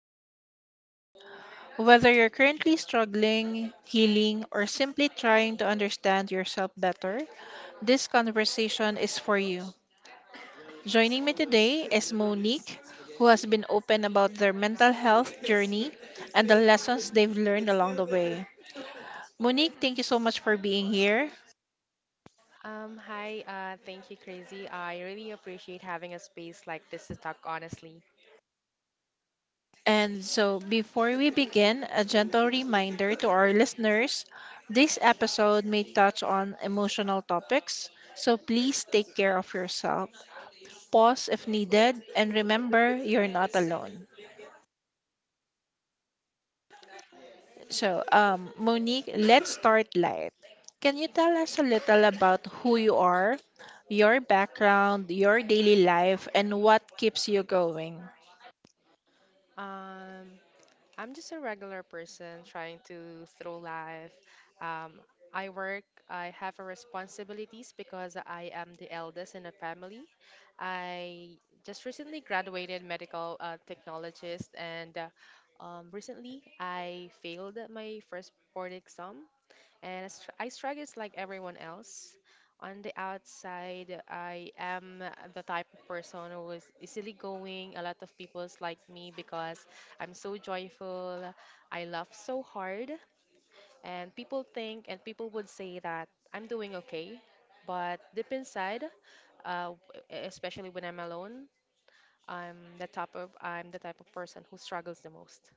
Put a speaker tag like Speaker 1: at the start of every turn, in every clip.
Speaker 1: mental health. Whether you're currently struggling, healing, or simply trying to understand yourself better, this conversation is for you. Joining me today is Monique, who has been open about their mental health journey and the lessons they've learned along the way. Monique, thank you so much for being here.
Speaker 2: Thank you, Crazy. I really appreciate having a space like this to talk honestly.
Speaker 1: And so, before we begin, a gentle reminder to our listeners this episode may touch on emotional topics, so please take care of yourself. Pause if needed, and remember you're not alone. So, Monique, let's start light. Can you tell us a little about who you are, your background, your daily life, and what keeps you going?
Speaker 2: Um, I'm just a regular person trying to through life. Um, I work, I have a responsibilities because I am the eldest in the family. I just recently graduated medical technologist and recently I failed my first board exam and I struggle like everyone else. On the outside, I am the type of person who is easily going. A lot of people's like me because I'm so joyful. I laugh so hard, and people think and people would say that I'm doing okay. But deep inside, uh, w- especially when I'm alone, I'm the type of person who struggles the most.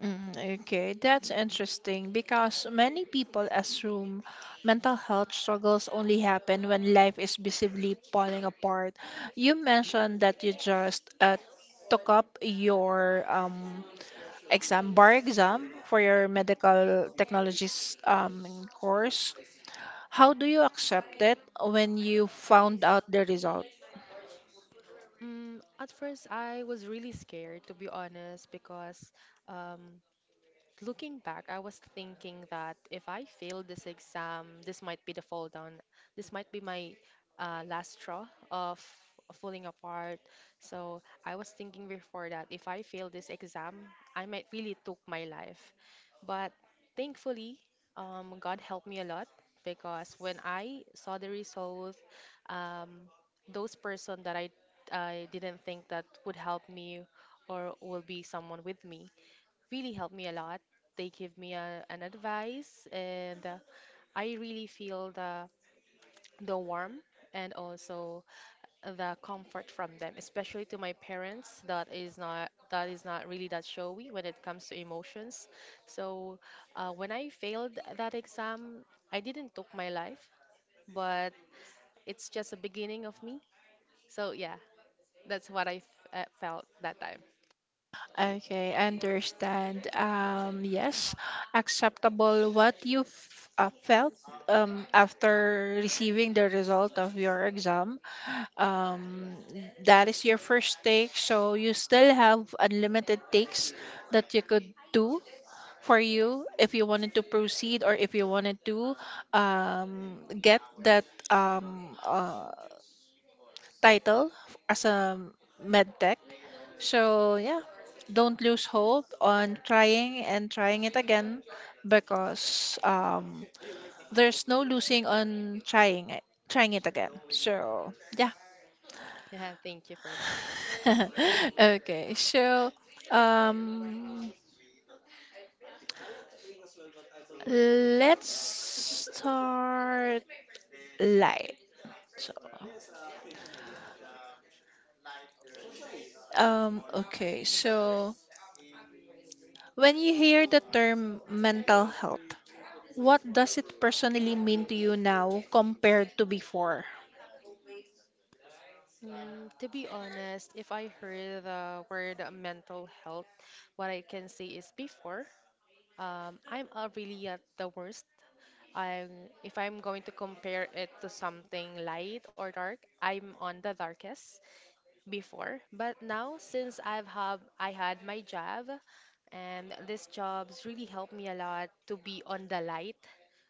Speaker 1: Mm, okay, that's interesting because many people assume mental health struggles only happen when life is visibly falling apart. You mentioned that you just took up your exam, bar exam for your medical technologies course. How do you accept it when you found out the result?
Speaker 2: Mm, at first, I was really scared, to be honest, because um, looking back, I was thinking that if I fail this exam, this might be the fall down. This might be my last straw of falling apart. So I was thinking before that if I fail this exam, I might really took my life. But thankfully, God helped me a lot because when I saw the result, um, those person that I didn't think that would help me or will be someone with me really helped me a lot. They give me a, an advice, and I really feel the warmth and also the comfort from them, especially to my parents. That is not really that showy when it comes to emotions. So when I failed that exam, I didn't took my life, but it's just a beginning of me. So yeah, that's what I felt that time.
Speaker 1: Okay, I understand. Yes, acceptable what you felt after receiving the result of your exam. Um, that is your first take, so you still have unlimited takes that you could do for you if you wanted to proceed or if you wanted to get that title as a med tech. So, yeah, don't lose hope on trying and trying it again because there's no losing on trying it again. So, yeah.
Speaker 2: Yeah, thank you for that.
Speaker 1: Okay, so um, let's start light. So, okay, so when you hear the term mental health, what does it personally mean to you now compared to before?
Speaker 2: Mm, to be honest, if I heard the word mental health, what I can say is before, I'm really at the worst. I'm, if I'm going to compare it to something light or dark, I'm on the darkest before. But now, since I had my job, and this job's really helped me a lot to be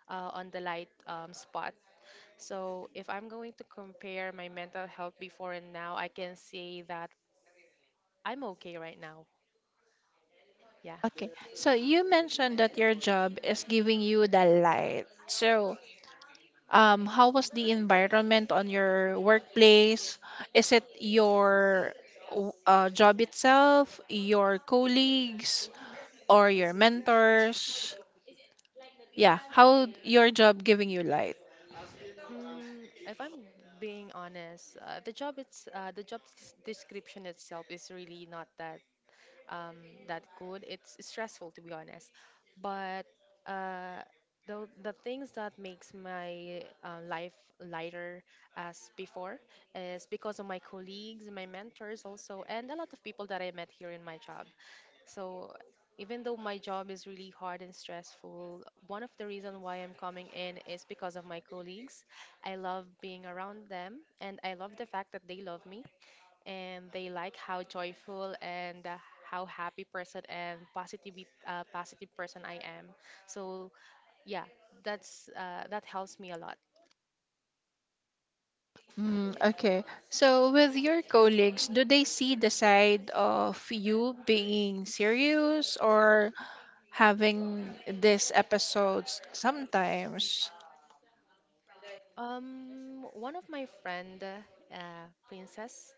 Speaker 2: on the light spot. So, if I'm going to compare my mental health before and now, I can say that I'm okay right now. Yeah.
Speaker 1: Okay, so you mentioned that your job is giving you the light. So, how was the environment on your workplace? Is it your job itself, your colleagues, or your mentors? Yeah, how your job giving you light?
Speaker 2: Mm, if I'm being honest, the job it's the job description itself is really not um, that good. It's stressful to be honest, but uh, the things that makes my life lighter as before is because of my colleagues, my mentors also, and a lot of people that I met here in my job. So even though my job is really hard and stressful, one of the reason why I'm coming in is because of my colleagues. I love being around them and I love the fact that they love me and they like how joyful and how happy person and positive person I am. So yeah, that helps me a lot.
Speaker 1: Mm, okay. So, with your colleagues, do they see the side of you being serious or having these episodes sometimes?
Speaker 2: One of my friend, Princess,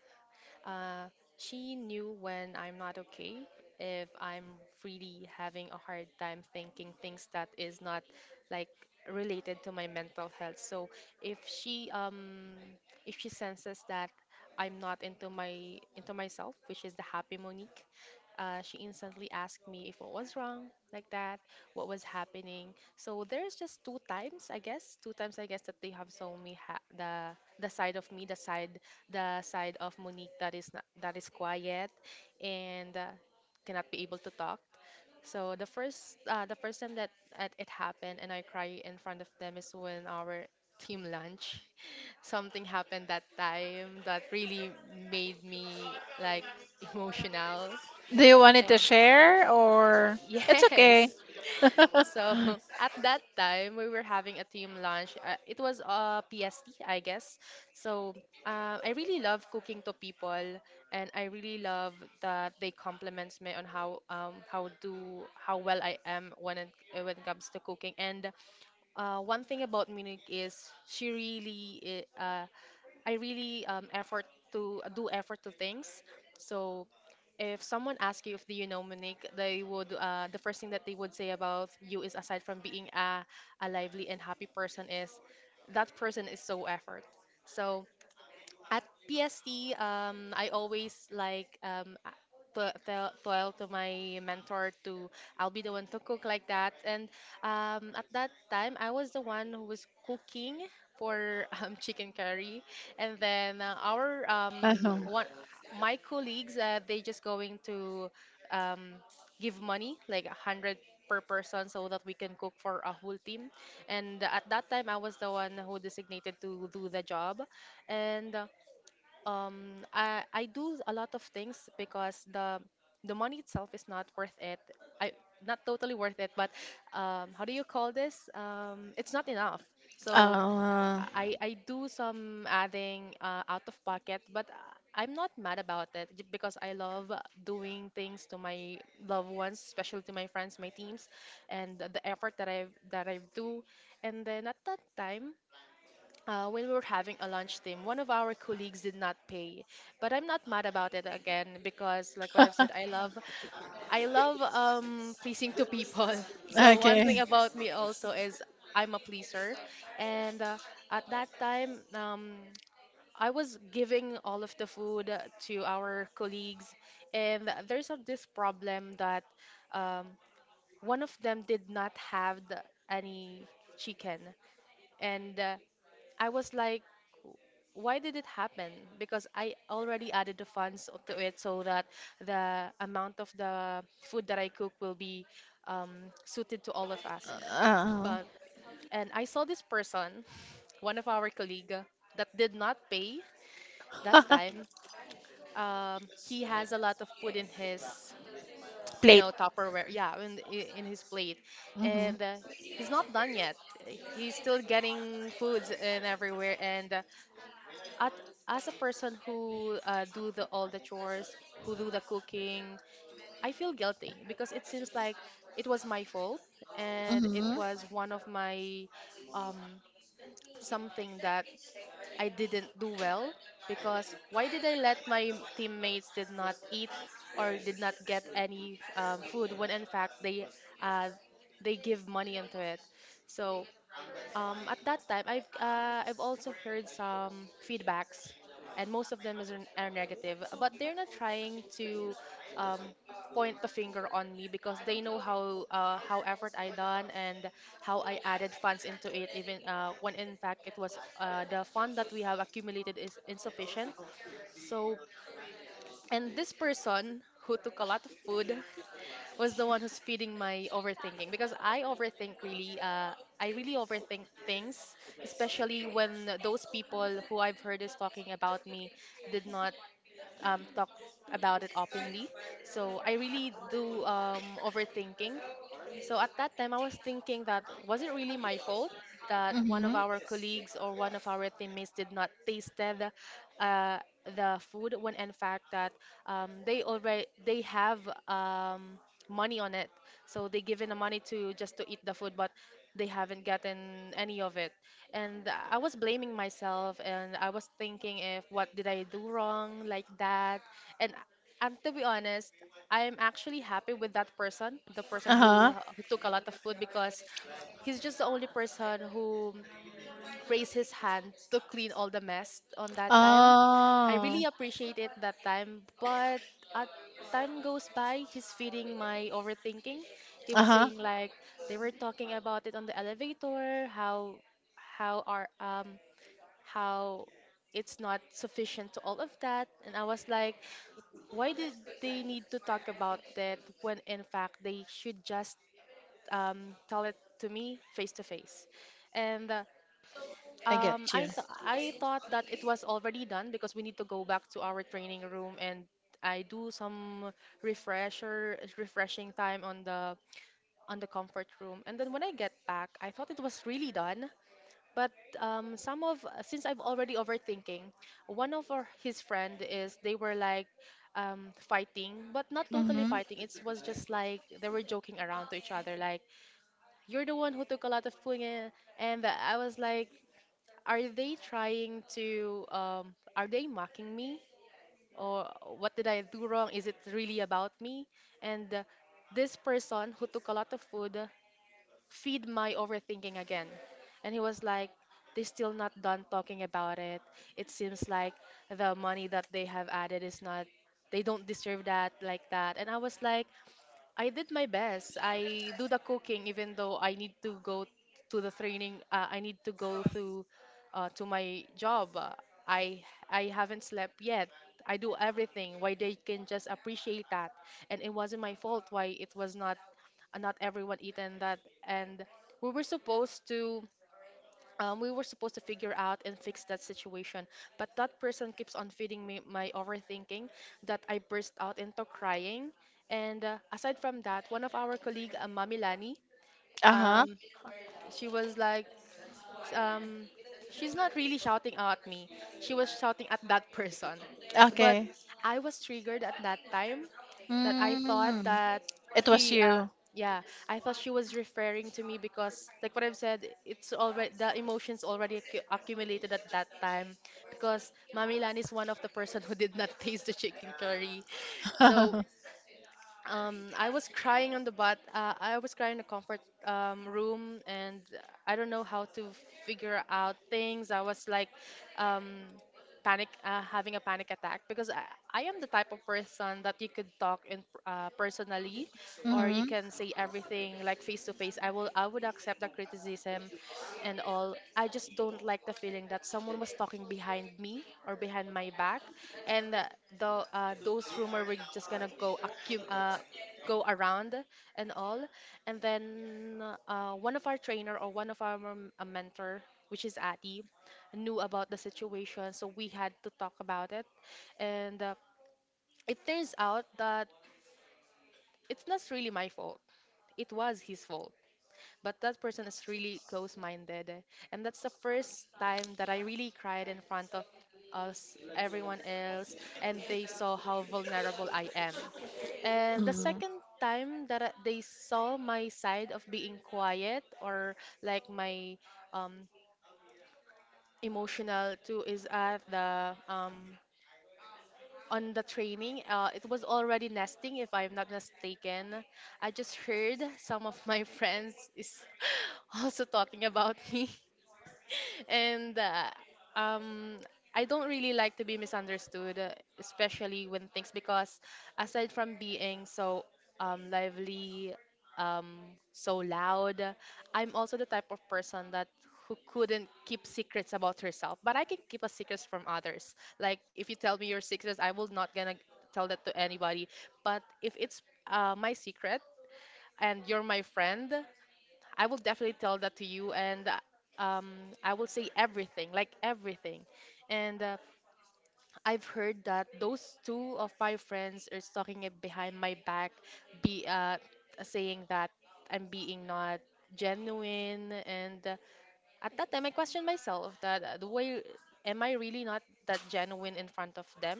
Speaker 2: uh, she knew when I'm not okay, if I'm really having a hard time thinking things that is not like related to my mental health. So if she um if she senses that I'm not into myself, which is the happy Monique, she instantly asked me if what was wrong, like that, what was happening. So there's just two times I guess that they have shown me the side of me, the side of Monique that is not, that is quiet and cannot be able to talk. So the first time that it happened and I cry in front of them is when our team lunch something happened that time that really made me like emotional
Speaker 1: Do you want it to
Speaker 2: and
Speaker 1: share or it's okay?
Speaker 2: yes so at that time, we were having a team lunch. It was a PST, I guess. So I really love cooking to people, and I really love that they compliments me on how do how well I am when it comes to cooking. And one thing about Munich is she really i- uh, I really effort to things. So if someone asks you if do you know Monique, they would the first thing that they would say about you is aside from being a lively and happy person is that person is so effort. So at PST, I always like tell to my mentor to I'll be the one to cook like that. And at that time, I was the one who was cooking for chicken curry, and then our
Speaker 1: Uh-huh.
Speaker 2: one my colleagues they just going to um, give money like a hundred per person so that we can cook for a whole team. And at that time, I was the one who designated to do the job and I do a lot of things because the money itself is not worth it. I not totally worth it, but how do you call this? It's not enough. So
Speaker 1: Uh,
Speaker 2: I do some adding out of pocket, but I'm not mad about it because I love doing things to my loved ones, especially to my friends, my teams, and the effort that I do. And then at that time, when we were having a lunch team, one of our colleagues did not pay, but I'm not mad about it again because, like what I've said, I love pleasing to people. So one thing
Speaker 1: okay.
Speaker 2: about me also is I'm a pleaser, and at that time, I was giving all of the food to our colleagues, and there's this problem that um, one of them did not have the, any chicken, and I was like, why did it happen? Because I already added the funds to it so that the amount of the food that I cook will be um, suited to all of us.
Speaker 1: Uh,
Speaker 2: But and I saw this person, one of our colleague, that did not pay that time. He has a lot of food in his, you
Speaker 1: plate.
Speaker 2: know, Tupperware. Yeah, in in his plate,
Speaker 1: Mm-hmm.
Speaker 2: and he's not done yet. He's still getting foods and everywhere and. At, as a person who do the all the chores who do the cooking, I feel guilty because it seems like it was my fault and it
Speaker 1: Mm-hmm.
Speaker 2: was one of my um, something that I didn't do well because why did I let my teammates did not eat or did not get any food when in fact uh, they give money into it. So at that time, I've also heard some feedbacks, and most of them is, are negative. But they're not trying to um, point the finger on me because they know how effort I done and how I added funds into it. Even when in fact it was the fund that we have accumulated is insufficient. So and this person who took a lot of food was the one who's feeding my overthinking because I overthink really. I really overthink things, especially when those people who I've heard is talking about me did not talk about it openly. So I really do overthinking, so at that time, I was thinking that was it really my fault that one of
Speaker 1: Mm-hmm.
Speaker 2: our colleagues or one of our teammates did not tasted uh, the food when in fact that they have um, money on it, so they given the money to just to eat the food, but they haven't gotten any of it. And I was blaming myself, and I was thinking if what did I do wrong like that, and and to be honest I'm actually happy with that person, the person
Speaker 1: Uh-huh.
Speaker 2: who took a lot of food because he's just the only person who raised his hand to clean all the mess on that time. I
Speaker 1: Oh.
Speaker 2: really appreciate it that time, but at time goes by, he's feeding my overthinking. He was
Speaker 1: Uh-huh.
Speaker 2: saying like they were talking about it on the elevator, how are um how it's not sufficient to all of that, and I was like, why did they need to talk about that when in fact they should just tell it to me face to face? And
Speaker 1: I get you.
Speaker 2: I thought that it was already done because we need to go back to our training room and I do some refresher refreshing time on the comfort room. And then when I get back, I thought it was really done. But some of, since I've already overthinking, one of our, his friend is, they were like fighting, but not totally
Speaker 1: Mm-hmm.
Speaker 2: fighting. It was just like they were joking around to each other, like you're the one who took a lot of punye, and I was like, are they trying to are they mocking me, or what did I do wrong? Is it really about me? And this person who took a lot of food feed my overthinking again. And he was like, they're still not done talking about it. It seems like the money that they have added is not, they don't deserve that like that. And I was like, I did my best. I do the cooking, even though I need to go to the training. I need to go through to my job. I I haven't slept yet. I do everything. Why they can just appreciate that, and it wasn't my fault. Why it was not, not everyone eaten that, and we were supposed to we were supposed to figure out and fix that situation, but that person keeps on feeding me my overthinking, that I burst out into crying. And aside from that, one of our colleague, Mami Lani,
Speaker 1: Uh-huh.
Speaker 2: um, she was like s- um, she's not really shouting at me, she was shouting at that person. But
Speaker 1: Okay.
Speaker 2: I was triggered at that time, that I thought
Speaker 1: Mm,
Speaker 2: that
Speaker 1: it was
Speaker 2: he
Speaker 1: you.
Speaker 2: yeah, I thought she was referring to me because like what I've said, it's already the emotions already accumulated at that time, because Mami Lan is one of the person who did not taste the chicken curry. So I was crying on the bat. I was crying in the comfort room, and I don't know how to figure out things. I was like, um, panic, having a panic attack, because I am the type of person that you could talk in personally, or you
Speaker 1: Hmm.
Speaker 2: can say everything like face to face. I would accept the criticism, and all. I just don't like the feeling that someone was talking behind me or behind my back, and the those rumor were just gonna go go around and all. And then one of our trainer, or one of our a mentor, which is Adi, knew about the situation, so we had to talk about it. And it turns out that it's not really my fault, it was his fault. But that person is really close minded. And that's the first time that I really cried in front of us, everyone else, and they saw how vulnerable I am. And the
Speaker 1: Mm.
Speaker 2: second time that they saw my side of being quiet, or like my um, emotional too, is at the on the training. It was already nesting, if I'm not mistaken. I just heard some of my friends is also talking about me, and um, I don't really like to be misunderstood, especially when things, because aside from being so lively, um, so loud, I'm also the type of person that, who couldn't keep secrets about herself, but I can keep a secret from others. Like if you tell me your secrets, I will not gonna tell that to anybody. But if it's my secret, and you're my friend, I will definitely tell that to you. And I will say everything, like everything. And I've heard that those two of my friends are talking it behind my back, be saying that I'm being not genuine. And at that time I questioned myself that, the way, am I really not that genuine in front of them?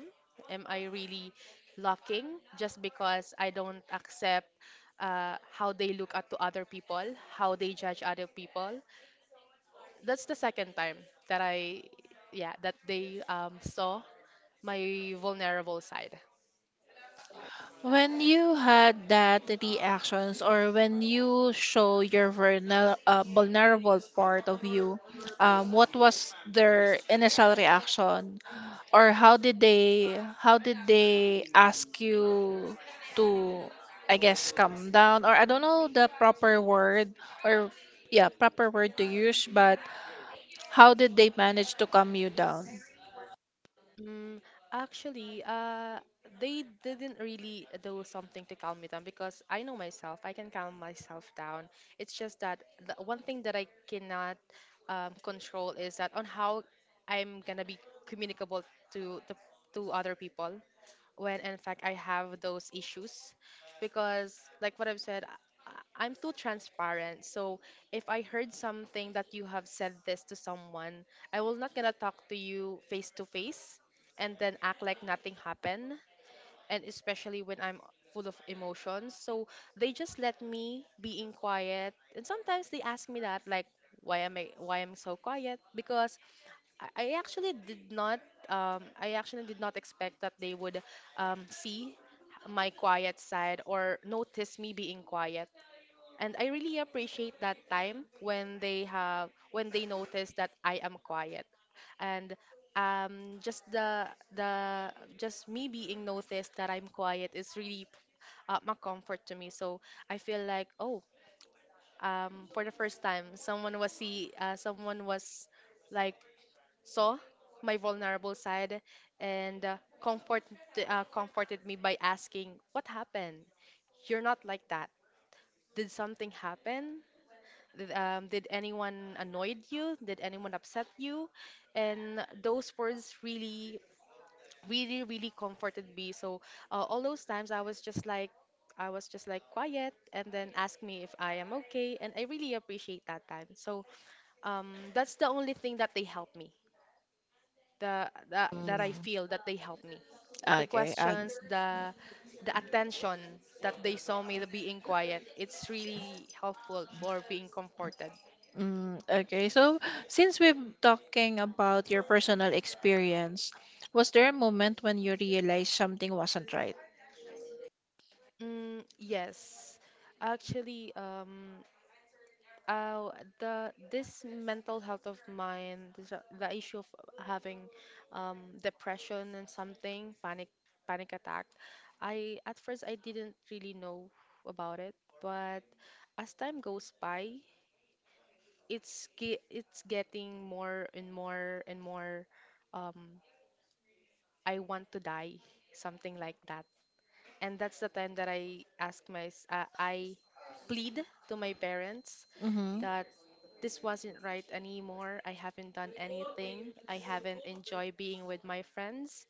Speaker 2: Am I really locking just because I don't accept how they look at to other people, how they judge other people? That's the second time that I yeah that they saw my vulnerable side.
Speaker 1: When you had that reactions or when you show your vulnerable part of you, what was their initial reaction? Or how did they ask you to, I guess, calm down, or I don't know the proper word, or yeah, proper word to use, but how did they manage to calm you down?
Speaker 2: Mm, actually, they didn't really do something to calm me down, because I know myself. I can calm myself down. It's just that the one thing that I cannot control is that on how I'm gonna be communicable to the, to other people, when in fact I have those issues, because like what I've said, I'm too transparent. So if I heard something that you have said this to someone, I will not gonna talk to you face to face and then act like nothing happened, and especially when I'm full of emotions. So they just let me being quiet, and sometimes they ask me that like, why am I, why I'm so quiet, because I actually did not I actually did not expect that they would see my quiet side or notice me being quiet. And I really appreciate that time when they have, when they notice that I am quiet. And just the just me being noticed that I'm quiet is really my comfort to me. So I feel like, oh, for the first time someone was see someone was like saw my vulnerable side, and comforted me by asking, "What happened? You're not like that. Did something happen? Did anyone annoyed you? Did anyone upset you?" And those words really, really, really comforted me. So all those times I was just like, I was just like quiet, and then asked me if I am okay. And I really appreciate that time. So that's the only thing that they helped me, the that I
Speaker 1: Mm,
Speaker 2: feel that they helped me. The
Speaker 1: okay.
Speaker 2: questions, the attention that they saw me the being quiet. It's really helpful for being comforted.
Speaker 1: Mm, okay. So, since we're talking about your personal experience, was there a moment when you realized something wasn't right?
Speaker 2: Mm, yes, actually, uh, the this mental health of mine, this, the issue of having depression and something, panic attack. I at first I didn't really know about it, but as time goes by, it's getting more and more and more, um I want to die, something like that. And that's the time that I plead to my parents,
Speaker 1: Mm-hmm.
Speaker 2: that this wasn't right anymore. I haven't done anything, I haven't enjoyed being with my friends,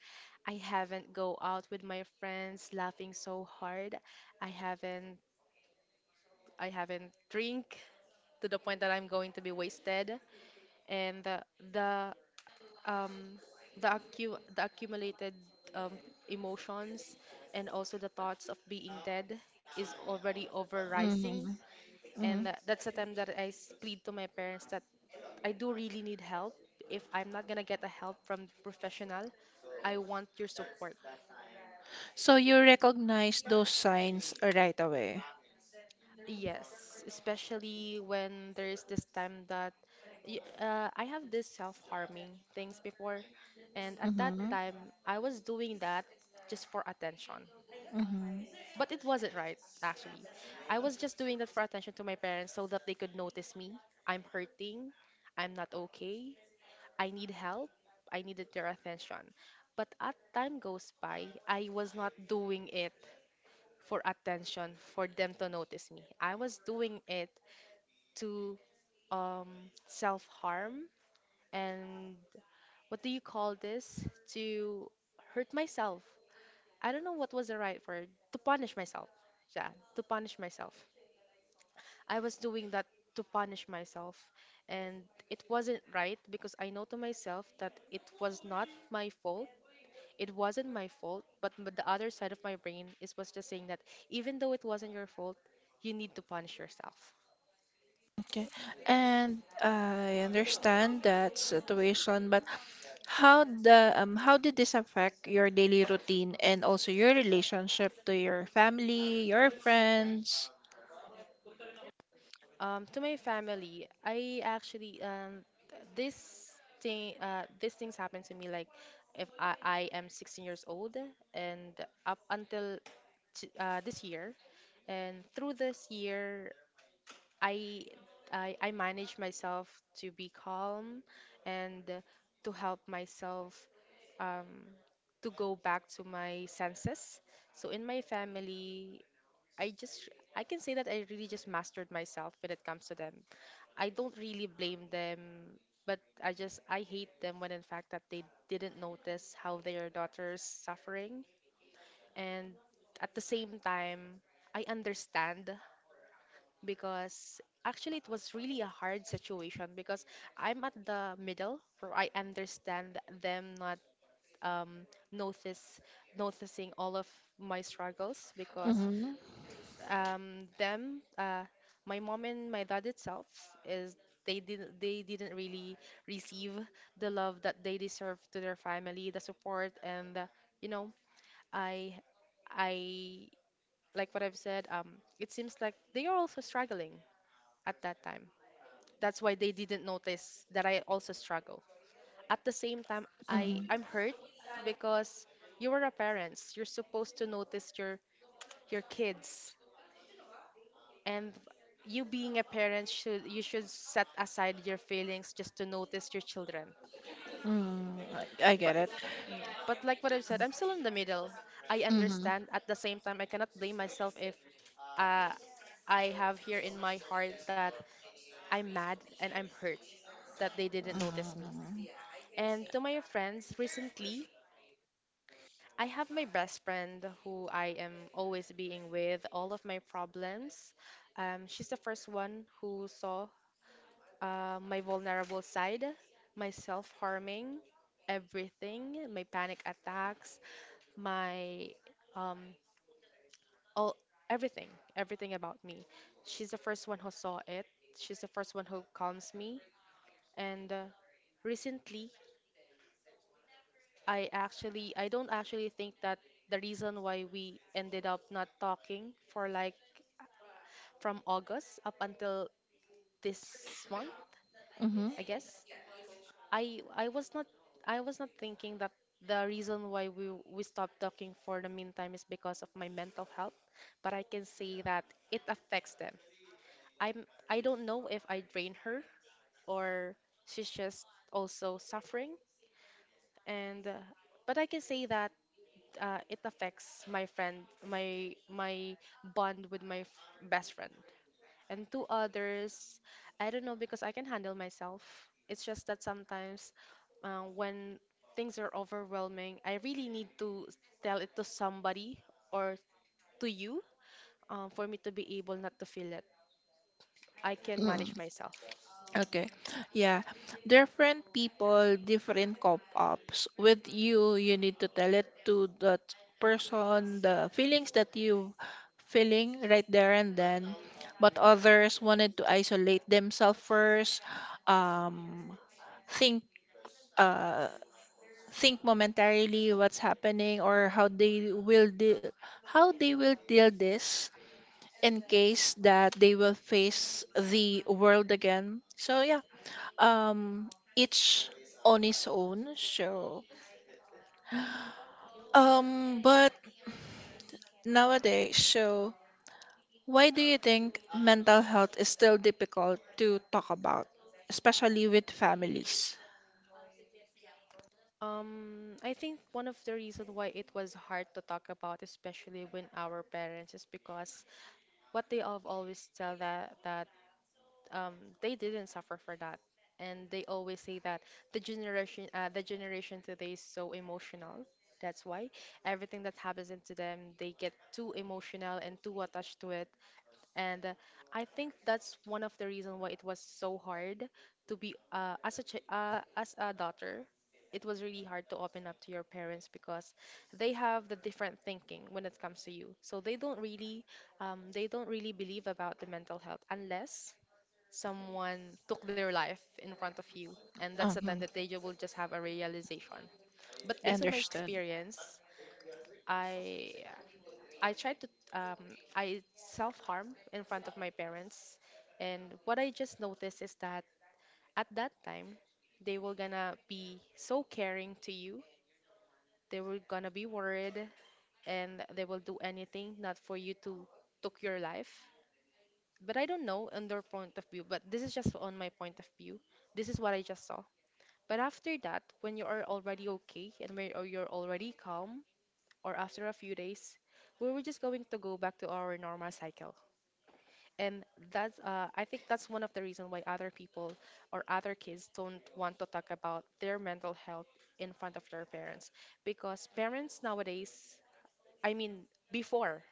Speaker 2: I haven't go out with my friends laughing so hard, I haven't I haven't drink to the point that I'm going to be wasted. And the um, the accu the accumulated um, emotions, and also the thoughts of being dead, is already
Speaker 1: Mm-hmm.
Speaker 2: overrising.
Speaker 1: Mm-hmm.
Speaker 2: And that's the time that plead to my parents that I do really need help. If I'm not gonna get a help from professional, I want your support.
Speaker 1: So you recognized those signs right away.
Speaker 2: Yes, especially when there is this time that I have this self-harming things before, and at that
Speaker 1: Mm-hmm.
Speaker 2: time I was doing that just for attention.
Speaker 1: Mm-hmm.
Speaker 2: But it wasn't right, actually. I was just doing that for attention to my parents so that they could notice me. I'm hurting. I'm not okay. I need help. I needed their attention. But as time goes by, I was not doing it for attention, for them to notice me. I was doing it to um, self harm, and what do you call this? To hurt myself. I don't know what was the right word. To punish myself. Yeah, to punish myself. I was doing that to punish myself. And it wasn't right, because I know to myself that it was not my fault. It wasn't my fault. But the other side of my brain is was just saying that, even though it wasn't your fault, you need to punish yourself.
Speaker 1: Okay. And I understand that situation, but how the how did this affect your daily routine and also your relationship to your family, your friends?
Speaker 2: To my family, I actually this thing, these things happen to me like if I am 16 years old, and up until this year, and through this year I, I manage myself to be calm, and to help myself um, to go back to my senses. So in my family, I just, I can say that I really just mastered myself when it comes to them. I don't really blame them, but I just, I hate them when in fact that they didn't notice how their daughter's suffering. And at the same time, I understand, because actually it was really a hard situation, because I'm at the middle where I understand them not um, notice noticing all of my struggles, because
Speaker 1: Mm-hmm.
Speaker 2: them my mom and my dad itself is, they didn't, they didn't really receive the love that they deserve to their family, the support, and you know, I I like what I've said, it seems like they are also struggling at that time, that's why they didn't notice that I also struggle. At the same time, I,
Speaker 1: Mm-hmm.
Speaker 2: I'm hurt because you are a parents. You're supposed to notice your kids, and you being a parent should you should set aside your feelings just to notice your children.
Speaker 1: Mm, I
Speaker 2: But
Speaker 1: get it.
Speaker 2: Mm. But like what I've said, I'm still in the middle. I
Speaker 1: Mm-hmm.
Speaker 2: understand. At the same time, I cannot blame myself if uh, I have here in my heart that I'm mad and I'm hurt that they didn't notice me. And to my friends, recently, I have my best friend who I am always being with all of my problems. She's the first one who saw my vulnerable side, my self-harming, everything, my panic attacks, my um, all everything, everything about me. She's the first one who saw it. She's the first one who calms me. And recently, I don't actually think that the reason why we ended up not talking for like from August up until this month,
Speaker 1: Mm-hmm.
Speaker 2: I guess. I I was not I was not thinking that the reason why we stopped talking for the meantime is because of my mental health, but I can say that it affects them. I don't know if I drain her or she's just also suffering and but I can say that it affects my friend, my bond with my best friend. And to others, I don't know because I can handle myself. It's just that sometimes when things are overwhelming, I really need to tell it to somebody or to you for me to be able not to feel it. I can manage myself.
Speaker 1: Okay. Yeah. Different people, different cop-ups. With you, you need to tell it to that person the feelings that you feeling right there and then. But others wanted to isolate themselves first, um, think uh think momentarily what's happening or how they will deal this in case that they will face the world again. So yeah, um, each on his own. So, um, but nowadays, so why do you think mental health is still difficult to talk about, especially with families?
Speaker 2: I think one of the reasons why it was hard to talk about, especially when our parents, is because what they have always tell that um, they didn't suffer for that. And they always say that the generation today is so emotional. That's why everything that happens into them, they get too emotional and too attached to it. And I think that's one of the reason why it was so hard to be as a daughter. It was really hard to open up to your parents because they have the different thinking when it comes to you. So they don't really believe about the mental health unless someone took their life in front of you and that's the time that they
Speaker 1: Mm-hmm.
Speaker 2: will just have a realization but based on my
Speaker 1: Understand.
Speaker 2: experience i I tried to I self-harm in front of my parents and what I just noticed is that at that time they were gonna be so caring to you they were gonna be worried and they will do anything not for you to took your life but I don't know on their point of view but this is just on my point of view this is what I just saw. But after that, when you are already okay and when or you're already calm, or after a few days, we were just going to go back to our normal cycle. And I think that's one of the reasons why other people or other kids don't want to talk about their mental health in front of their parents. Because parents nowadays, I mean, before,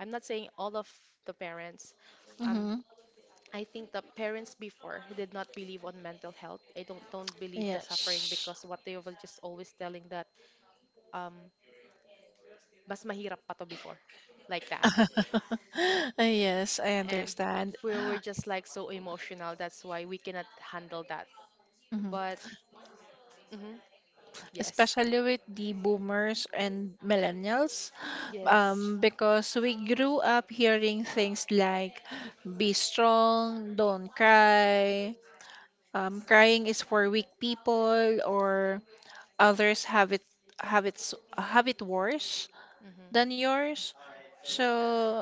Speaker 2: I'm not saying all of the parents, um,
Speaker 1: Mm-hmm.
Speaker 2: I think the parents before did not believe on mental health. I don't believe the suffering
Speaker 1: Yes.
Speaker 2: because what they were just always telling that um mas mahirap pa to before like that.
Speaker 1: Yes, I
Speaker 2: And
Speaker 1: understand.
Speaker 2: we were just like so emotional. That's why we cannot handle that.
Speaker 1: Mhm.
Speaker 2: But mhm, yes.
Speaker 1: Especially with the boomers and millennials,
Speaker 2: Yes.
Speaker 1: because we grew up hearing things like be strong, don't cry, crying is for weak people, or others have have it worse
Speaker 2: Mhm.
Speaker 1: than yours. So,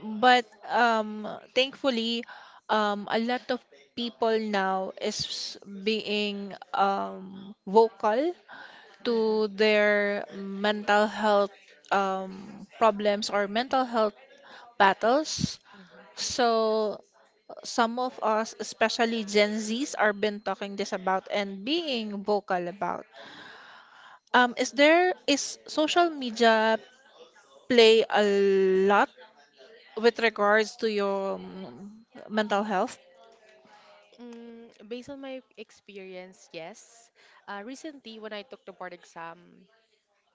Speaker 1: but um, thankfully, a lot of people now is being vocal
Speaker 2: Mhm.
Speaker 1: to their mental health problems or mental health battles.
Speaker 2: Mhm.
Speaker 1: So some of us, especially Gen Zs, are been talking this about and being vocal about. Is there is social media play a lot with regards to your mental health?
Speaker 2: Mm, based on my experience, yes. Recently, when I took the board exam,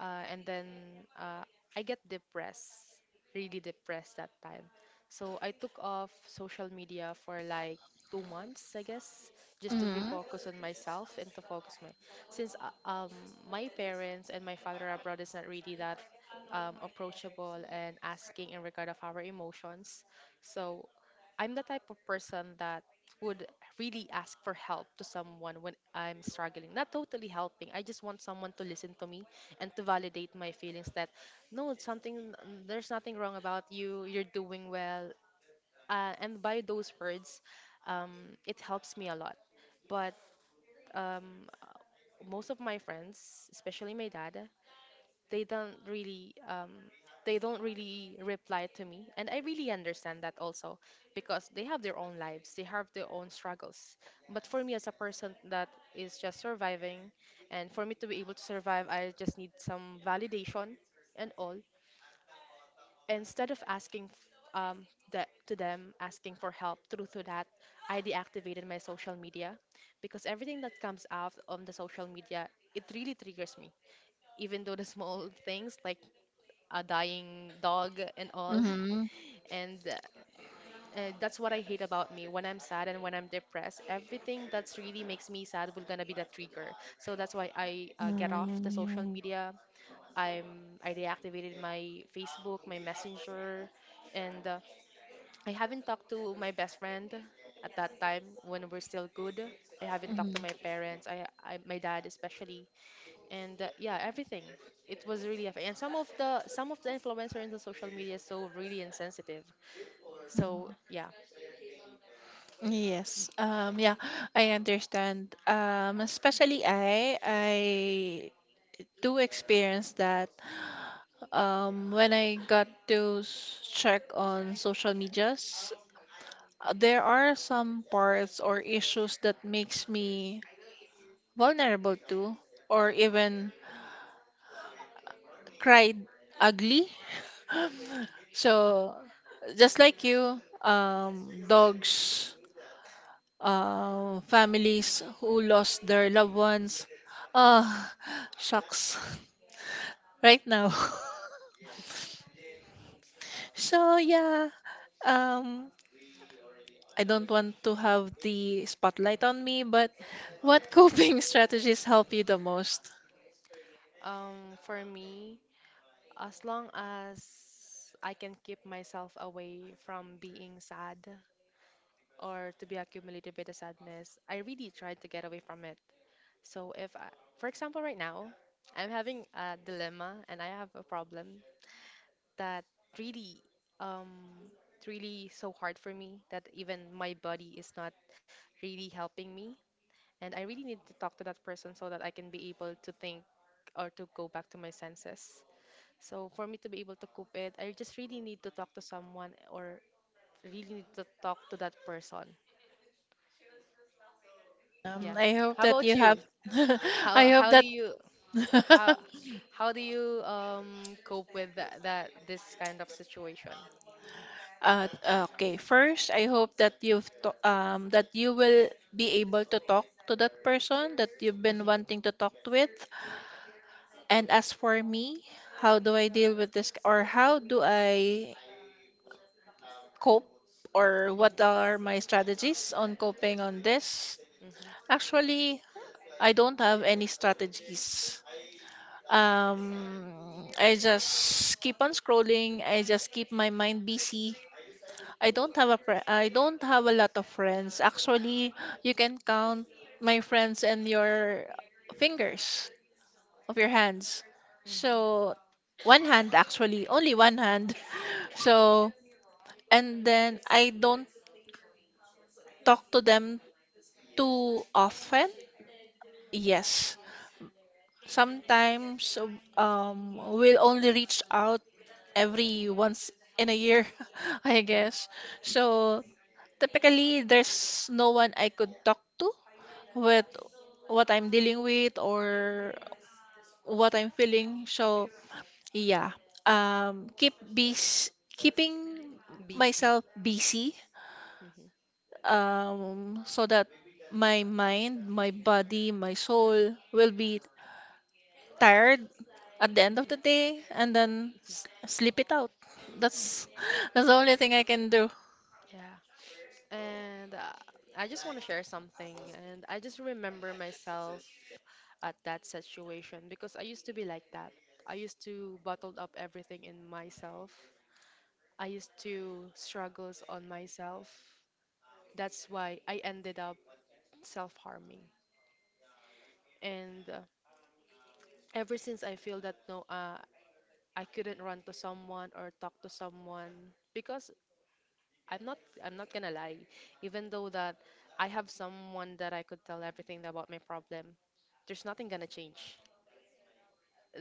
Speaker 2: and then uh, I get depressed, really depressed that time. So I took off social media for like 2 months, I guess, just to be
Speaker 1: Mm-hmm.
Speaker 2: focused on myself and to focus my. Since my parents and my father abroad is not really that approachable and asking in regard of our emotions, so I'm the type of person that would really ask for help to someone when I'm struggling. Not totally helping. I just want someone to listen to me and to validate my feelings that no, it's something there's nothing wrong about you. You're doing well. And by those words, um, it helps me a lot. But um, most of my friends, especially my dad, they don't really um, they don't really reply to me and I really understand that also because they have their own lives they have their own struggles but for me as a person that is just surviving and for me to be able to survive I just need some validation and all instead of asking um, that to them asking for help through to that I deactivated my social media because everything that comes out on the social media it really triggers me even though the small things like a dying dog and all.
Speaker 1: Mm-hmm.
Speaker 2: And that's what I hate about me. When I'm sad and when I'm depressed, everything that's really makes me sad will gonna be the trigger. So that's why I get off the social
Speaker 1: Mm-hmm.
Speaker 2: media. I'm I deactivated my Facebook, my Messenger, and I haven't talked to my best friend at that time when we're still good. I haven't talked to my parents. I my dad especially and yeah everything it was really and some of the influencers in the social media is so really insensitive so yeah
Speaker 1: Yes. Yeah, I understand. Especially I do experience that when I got to check on social medias, there are some parts or issues that makes me vulnerable to or even cried ugly. So just like you, dogs families who lost their loved ones. Ah, shucks. Right now. So yeah, um, I don't want to have the spotlight on me, but what coping strategies help you the most?
Speaker 2: for me as long as I can keep myself away from being sad or to be accumulated by the sadness I really try to get away from it so if I, for example right now I'm having a dilemma and I have a problem that really um it's really so hard for me that even my body is not really helping me. And I really need to talk to that person so that I can be able to think or to go back to my senses. So for me to be able to cope it, I just really need to talk to someone or really need to talk to that person. Yeah.
Speaker 1: I hope
Speaker 2: How
Speaker 1: that
Speaker 2: about
Speaker 1: you have.
Speaker 2: you?
Speaker 1: I
Speaker 2: How
Speaker 1: hope
Speaker 2: how do you how
Speaker 1: that.
Speaker 2: how do you cope with that, that this kind of situation?
Speaker 1: Uh, okay, first, I hope that that you will be able to talk to that person that you've been
Speaker 2: Mm-hmm.
Speaker 1: wanting to talk with. And as for me, how do I deal with this, or how do I cope, or what
Speaker 2: Mm-hmm.
Speaker 1: are my strategies on coping on this?
Speaker 2: Mm-hmm.
Speaker 1: Actually, I don't have any strategies. I just keep on scrolling. I just keep my mind busy. I don't have I don't have a lot of friends. Actually, you can count my friends and your fingers of your hands. So one hand, actually, only one hand. So, and then I don't talk to them too often. Yes. Sometimes um, we'll only reach out every once in a year, I
Speaker 2: Mm-hmm.
Speaker 1: guess. So typically there's no one I could talk to with what I'm dealing with or what I'm feeling. So yeah. Keeping
Speaker 2: Busy.
Speaker 1: myself busy,
Speaker 2: Mm-hmm.
Speaker 1: so that my mind, my body, my soul will be tired at the end of the
Speaker 2: Mm-hmm.
Speaker 1: day, and then s
Speaker 2: Mm-hmm.
Speaker 1: sleep it out. That's that's the only thing I can do.
Speaker 2: Yeah. And I just want to share something. And I just remember myself at that situation because I used to be like that. I used to bottled up everything in myself. I used to struggles on myself. That's why I ended up self-harming. And ever since I feel that no, I couldn't run to someone or talk to someone because I'm not I'm not gonna lie, even though that I have someone that I could tell everything about my problem, there's nothing gonna change.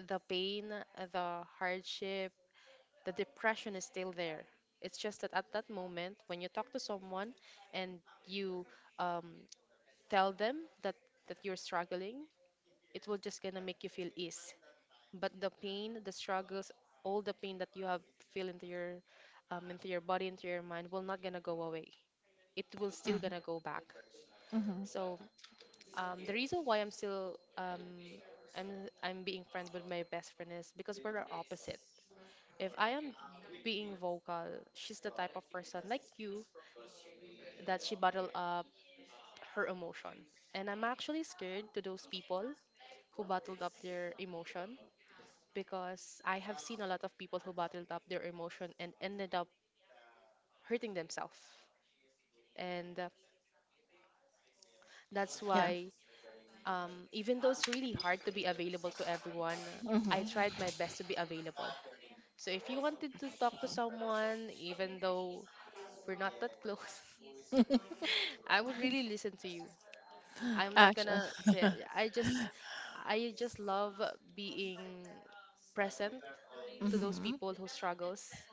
Speaker 2: The pain, the hardship, the depression is still there. It's just that at that moment, when you talk to someone and you um, tell them that that you're struggling, it will just gonna make you feel ease. But the pain, the struggles, all the pain that you have feel into your body, into your mind, will not gonna go away. It will still
Speaker 1: Mm-hmm.
Speaker 2: gonna go back.
Speaker 1: Mm-hmm.
Speaker 2: So the reason why I'm still I'm being friend with my best friend is because we're the opposite. If I am being vocal, she's the type of person like you that she bottled up her emotion, and I'm actually scared to those people who bottled up their emotion because I have seen a lot of people who bottled up their emotion and ended up hurting themselves, and that's
Speaker 1: Yeah.
Speaker 2: why even though it's really hard to be available to everyone, I tried
Speaker 1: Mm-hmm.
Speaker 2: my best to be available. So if you wanted to talk to someone, even though we're not that close, I would really listen to you. I'm not
Speaker 1: Actually,
Speaker 2: gonna say I just I just love being present to those people who struggles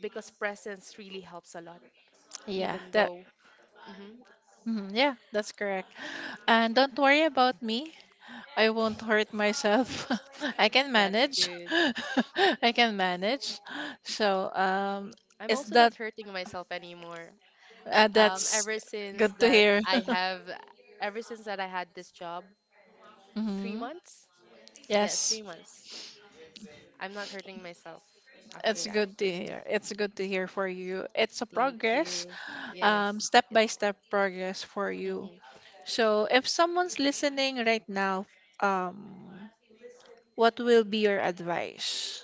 Speaker 2: because presence really helps a lot
Speaker 1: yeah,
Speaker 2: even
Speaker 1: that,
Speaker 2: though hmm
Speaker 1: mhm, yeah, that's correct. And don't worry about me. I won't hurt myself. I can
Speaker 2: that's
Speaker 1: manage.
Speaker 2: good.
Speaker 1: I can manage. So,
Speaker 2: I'm
Speaker 1: is
Speaker 2: also
Speaker 1: that
Speaker 2: not hurting myself anymore. Um,
Speaker 1: that's
Speaker 2: ever since
Speaker 1: good to
Speaker 2: that
Speaker 1: hear.
Speaker 2: I have, ever since that I had this job, three
Speaker 1: Hmm.
Speaker 2: months? Yes,
Speaker 1: Yes,
Speaker 2: 3 months. I'm not hurting myself after
Speaker 1: it's
Speaker 2: that.
Speaker 1: good to hear. It's good to hear for you. It's a
Speaker 2: Thank
Speaker 1: progress,
Speaker 2: you. Yes.
Speaker 1: step
Speaker 2: It,
Speaker 1: by step progress for you.
Speaker 2: mhm.
Speaker 1: So, if someone's listening right now, um, what will be your advice,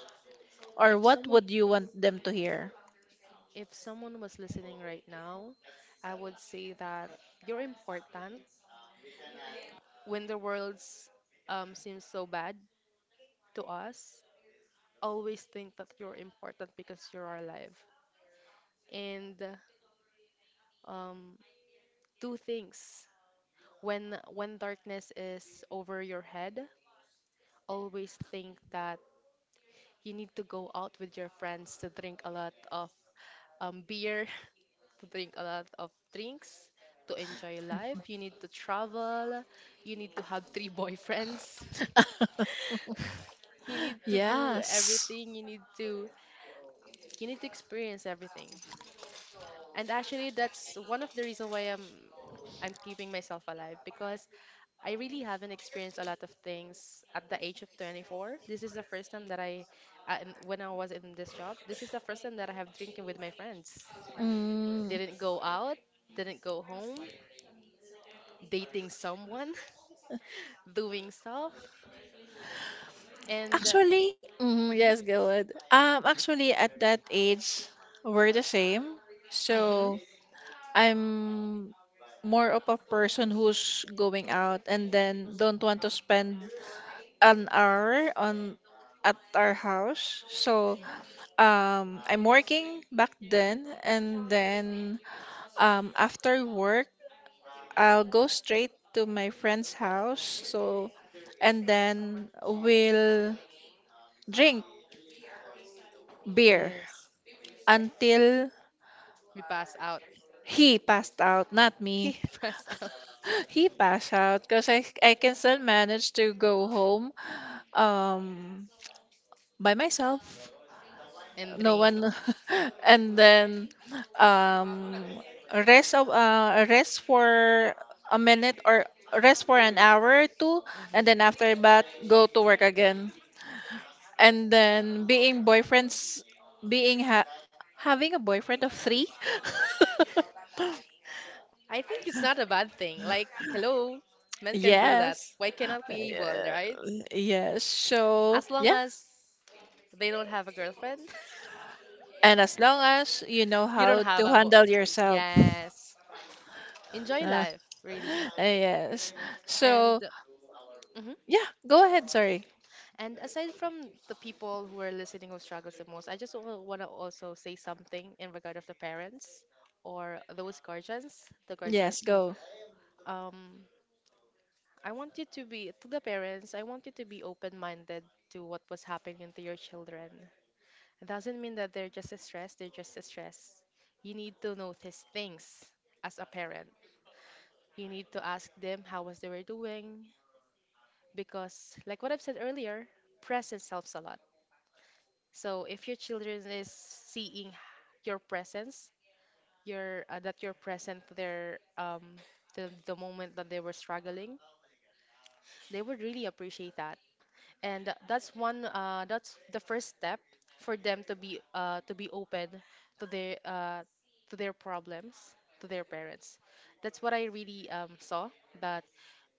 Speaker 1: or
Speaker 2: If
Speaker 1: what
Speaker 2: someone,
Speaker 1: would you want them to hear?
Speaker 2: if someone was listening right now, I would say that you're important. When the world seems so bad to us, always think that you're important because you're alive. And um, do things when darkness is over your head, always think that you need to go out with your friends to drink a lot of beer, to drink a lot of drinks, to enjoy life. You need to travel. You need to have three boyfriends. You need to do
Speaker 1: Yes.
Speaker 2: everything. You need to experience everything. And actually, that's one of the reasons why I'm keeping myself alive because I really haven't experienced a lot of things at the age of 24. This is the first time that when I was in this job, this is the first time that I have drinking with my friends.
Speaker 1: Mm,
Speaker 2: Didn't go out, didn't go home, dating someone, doing stuff, and
Speaker 1: actually, mm,
Speaker 2: mhm,
Speaker 1: yes, good. Actually, at that age, we're the same.
Speaker 2: mhm,
Speaker 1: So I'm more of a person who's going out and then don't want to spend an hour on at our house. So
Speaker 2: mhm.
Speaker 1: I'm working back then, and then after work, I'll go straight to my friend's house. So and then we'll drink beer
Speaker 2: Yes,
Speaker 1: until
Speaker 2: we pass out.
Speaker 1: he passed out, not
Speaker 2: He
Speaker 1: me.
Speaker 2: pass out
Speaker 1: He passed out because I can still manage to go home um, by myself.
Speaker 2: and
Speaker 1: No
Speaker 2: drink.
Speaker 1: one. And then um, rest for a minute or rest for an hour or two, and then
Speaker 2: Mhm.
Speaker 1: after that go to work again. And then being boyfriends, being ha having a boyfriend of three.
Speaker 2: I think it's not a bad thing. Like, hello, men can do that.
Speaker 1: Yes.
Speaker 2: Why cannot we able,
Speaker 1: Yeah.
Speaker 2: right?
Speaker 1: Yes. So,
Speaker 2: As long
Speaker 1: yeah.
Speaker 2: as they don't have a girlfriend,
Speaker 1: And as long as you know
Speaker 2: you
Speaker 1: how
Speaker 2: don't have
Speaker 1: to
Speaker 2: a bo-
Speaker 1: handle yourself.
Speaker 2: yes. Enjoy
Speaker 1: Uh,
Speaker 2: life, really.
Speaker 1: yes.
Speaker 2: And
Speaker 1: So,
Speaker 2: mhm.
Speaker 1: yeah, go ahead. Sorry.
Speaker 2: And aside from the people who are listening who struggles the most, I just want to also say something in regard of the parents or those guardians, the
Speaker 1: Yes,
Speaker 2: guardians who
Speaker 1: go.
Speaker 2: um I want you to be open-minded to what was happening to your children. It doesn't mean that they're just stressed, they're just stressed. You need to notice things as a parent. You need to ask them how was they were doing because like what I've said earlier, presence helps a lot. So if your children is seeing your presence, your that you're present there. The moment that they were struggling, they would really appreciate that. And that's the first step for them to be open to their uh, to their problems, to their parents. That's what I really saw that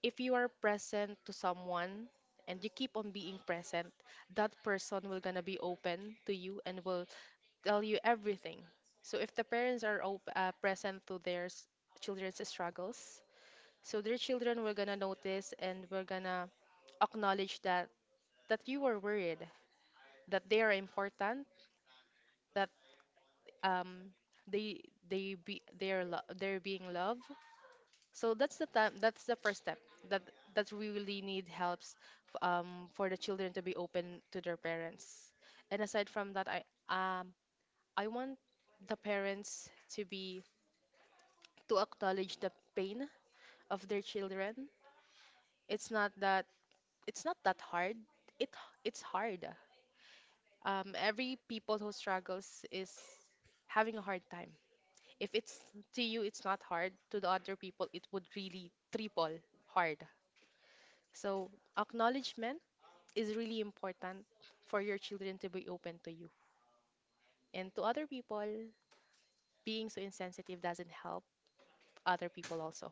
Speaker 2: if you are present to someone and you keep on being present, that person will gonna be open to you and will tell you everything. So if the parents are present to their children's struggles, so their children will gonna notice and we're gonna acknowledge that, that you were worried, that they are important, that um they they're being loved. So that's the time. That's the first step. That that we really need helps for the children to be open to their parents. And aside from that, um I want the parents to be to acknowledge the pain of their children. It's not that it's not that hard. It it's hard. Um, every people who struggles is having a hard time. If it's to you, it's not hard. To the other people, it would really triple hard. So acknowledgement is really important for your children to be open to you. And to other people, being so insensitive doesn't help other people also.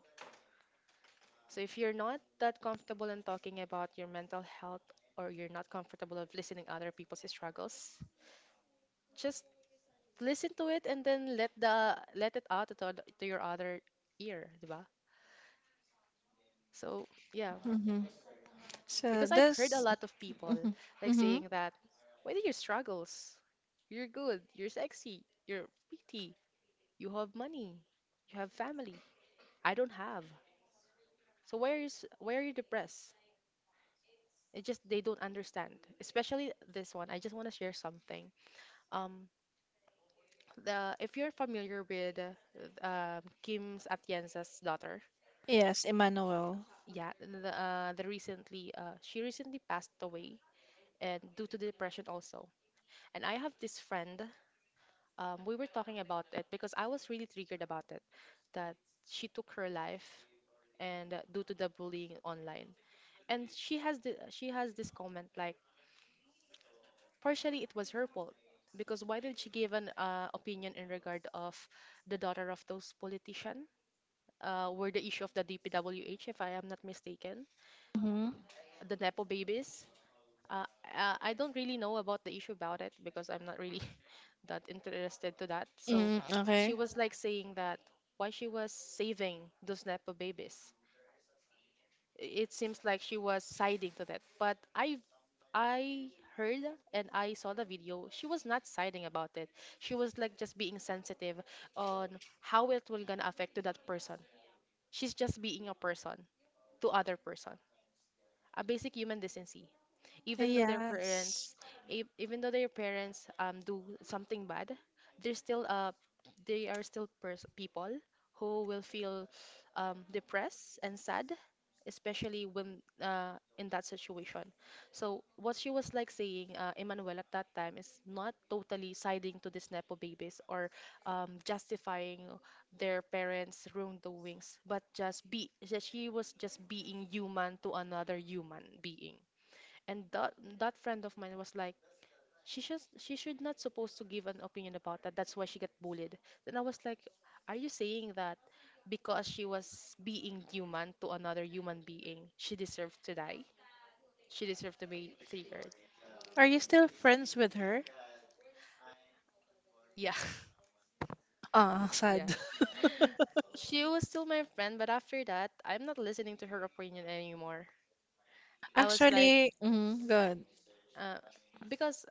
Speaker 2: So if you're not that comfortable in talking about your mental health or you're not comfortable of listening other people's struggles, just listen to it and then let the let it out to, the to your other ear, di ba? So yeah,
Speaker 1: Hmm. So,
Speaker 2: because I've heard a
Speaker 1: that's.
Speaker 2: lot of people
Speaker 1: Hmm.
Speaker 2: like
Speaker 1: Hmm.
Speaker 2: saying that, what are your struggles? You're good, you're sexy, you're pretty, you have money, you have family. I don't have. So where is why are you depressed? It just they don't understand. Especially this one. I just want to share something. Um, the If you're familiar with Kim Atienza's daughter,
Speaker 1: Yes, Emmanuel.
Speaker 2: yeah, the recently she recently passed away and due to the depression also. And I have this friend, we were talking about it because I was really triggered about it that she took her life and due to the bullying online. And she has this comment like partially it was her fault because why did she give an opinion in regard of the daughter of those politician, were the issue of the DPWH if I am not mistaken,
Speaker 1: Hmm.
Speaker 2: the nepo babies. Uh, I don't really know about the issue about it because I'm not really that interested to that. So
Speaker 1: Mm,
Speaker 2: she
Speaker 1: okay.
Speaker 2: was like saying that why she was saving those Nepo babies. It seems like she was siding to that. But I heard and I saw the video. She was not siding about it. She was like just being sensitive on how it will gonna affect to that person. She's just being a person to other person, a basic human decency. Even though their
Speaker 1: Yes.
Speaker 2: parents even though their parents do something bad, they're still they are still people who will feel depressed and sad, especially when in that situation. So what she was like saying Emmanuel at that time is not totally siding to these nepo babies or justifying their parents wrongdoings, but just be that she was just being human to another human being. And that, that friend of mine was like, she should not supposed to give an opinion about that. That's why she got bullied. Then I was like, are you saying that because she was being human to another human being, she deserved to die? She deserved to be triggered.
Speaker 1: Are you still friends with her?
Speaker 2: Yeah.
Speaker 1: Ah, sad.
Speaker 2: Yeah. She was still my friend, but after that, I'm not listening to her opinion anymore. I was like,
Speaker 1: Actually, mm, good.
Speaker 2: uh, because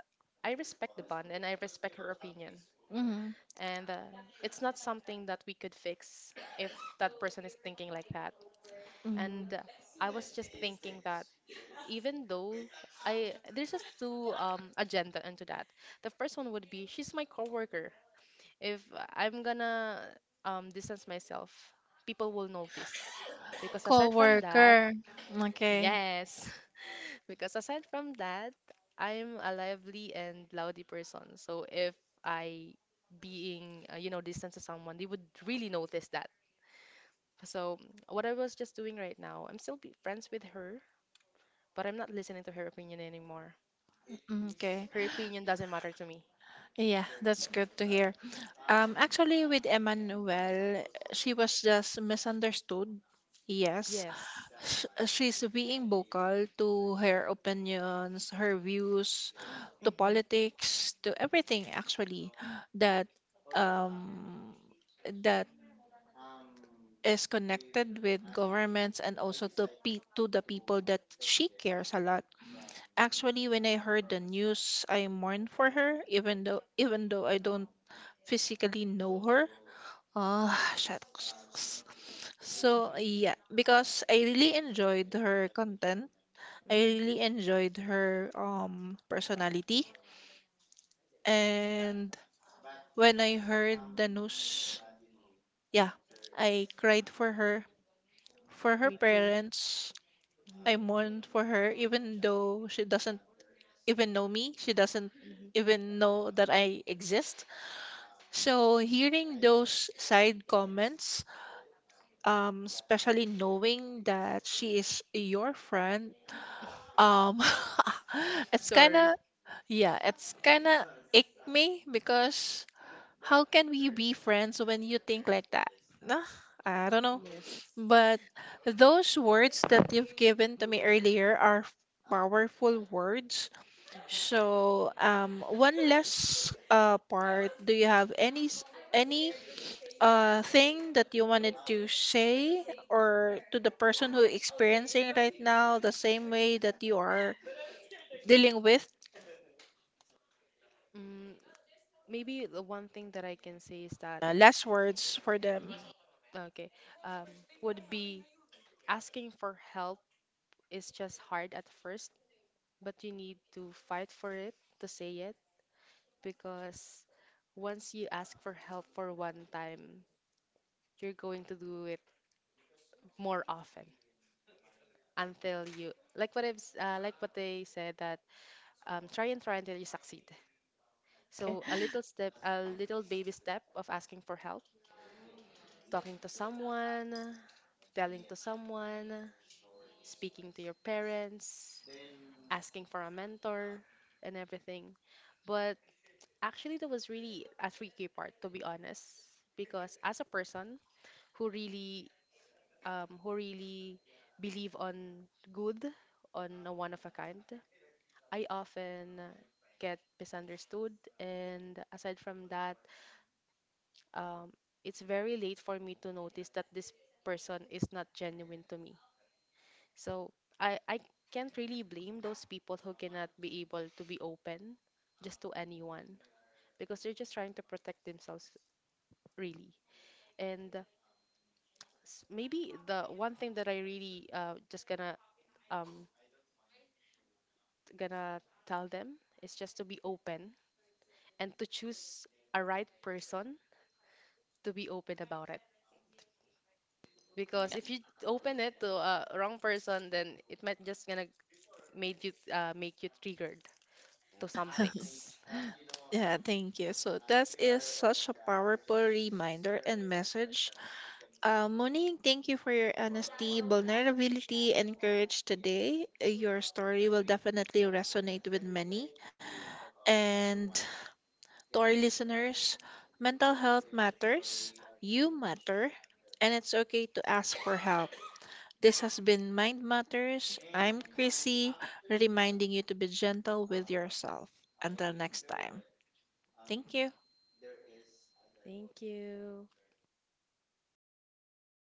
Speaker 2: I respect the bond and I respect her opinion.
Speaker 1: Mm-hmm.
Speaker 2: And it's not something that we could fix if that person is thinking like that.
Speaker 1: Mm-hmm.
Speaker 2: And I was just thinking that even though I there's just two agenda into that. The first one would be she's my coworker. If I'm gonna distance myself, people will notice because aside from that,
Speaker 1: Coworker. Okay.
Speaker 2: yes. Because aside from that, I'm a lively and loudy person. So if I being, you know, distant to someone, they would really notice that. So what I was just doing right now, I'm still be friends with her, but I'm not listening to her opinion anymore.
Speaker 1: Mm, okay.
Speaker 2: Her opinion doesn't matter to me.
Speaker 1: Yeah, that's good to hear. Actually, with Emmanuel, she was just misunderstood. Yes,
Speaker 2: Yes.
Speaker 1: She's being vocal to her opinions, her views, to
Speaker 2: Mm-hmm.
Speaker 1: politics, to everything actually that um, that is connected with governments and also to pe to the people that she cares a lot. Actually, when I heard the news, I mourned for her, even though I don't physically know her. Oh, shucks. Shucks. So, yeah, because I really enjoyed her content. I
Speaker 2: Mm-hmm.
Speaker 1: really enjoyed her um, personality. And when I heard the news, yeah, I cried for her
Speaker 2: Me too.
Speaker 1: parents.
Speaker 2: Mm-hmm.
Speaker 1: I mourned for her even though she doesn't even know me. She doesn't
Speaker 2: Mm-hmm.
Speaker 1: even know that I exist. So, hearing those side comments especially knowing that she is your friend. Um, it's kind
Speaker 2: Sorry.
Speaker 1: of, yeah, it's kind of ick me because how can we be friends when you think like that? Nah, I don't know.
Speaker 2: Yes.
Speaker 1: But those words that you've given to me earlier are powerful words. So, one last part. Do you have any any thing that you wanted to say or to the person who experiencing right now the same way that you are dealing with?
Speaker 2: Mm, maybe the one thing that I can say is that,
Speaker 1: Last words for them.
Speaker 2: mhm, okay, um, would be asking for help is just hard at first, but you need to fight for it to say it, because once you ask for help for one time, you're going to do it more often until you like like what they said that try and try until you succeed.
Speaker 1: Okay.
Speaker 2: So a little step, a little baby step of asking for help, talking to someone, telling to someone, speaking to your parents, asking for a mentor, and everything. But actually, that was really a tricky part, to be honest, because as a person who really, who really believe on good, on a one of a kind, I often get misunderstood. And aside from that, um, it's very late for me to notice that this person is not genuine to me. So I can't really blame those people who cannot be able to be open just to anyone because they're just trying to protect themselves, really. And maybe the one thing that I really uh, just gonna um gonna tell them is just to be open and to choose a right person to be open about it. Because if you open it to a wrong person, then it might just gonna made you make you triggered to some things.
Speaker 1: Yeah, thank you. So that is such a powerful reminder and message. Monique, thank you for your honesty, vulnerability, and courage today. Your story will definitely resonate with many. And to our listeners, mental health matters, you matter, and it's okay to ask for help. This has been Mind Matters. I'm Chrissy, reminding you to be gentle with yourself. Until next time, thank you.
Speaker 2: Thank you.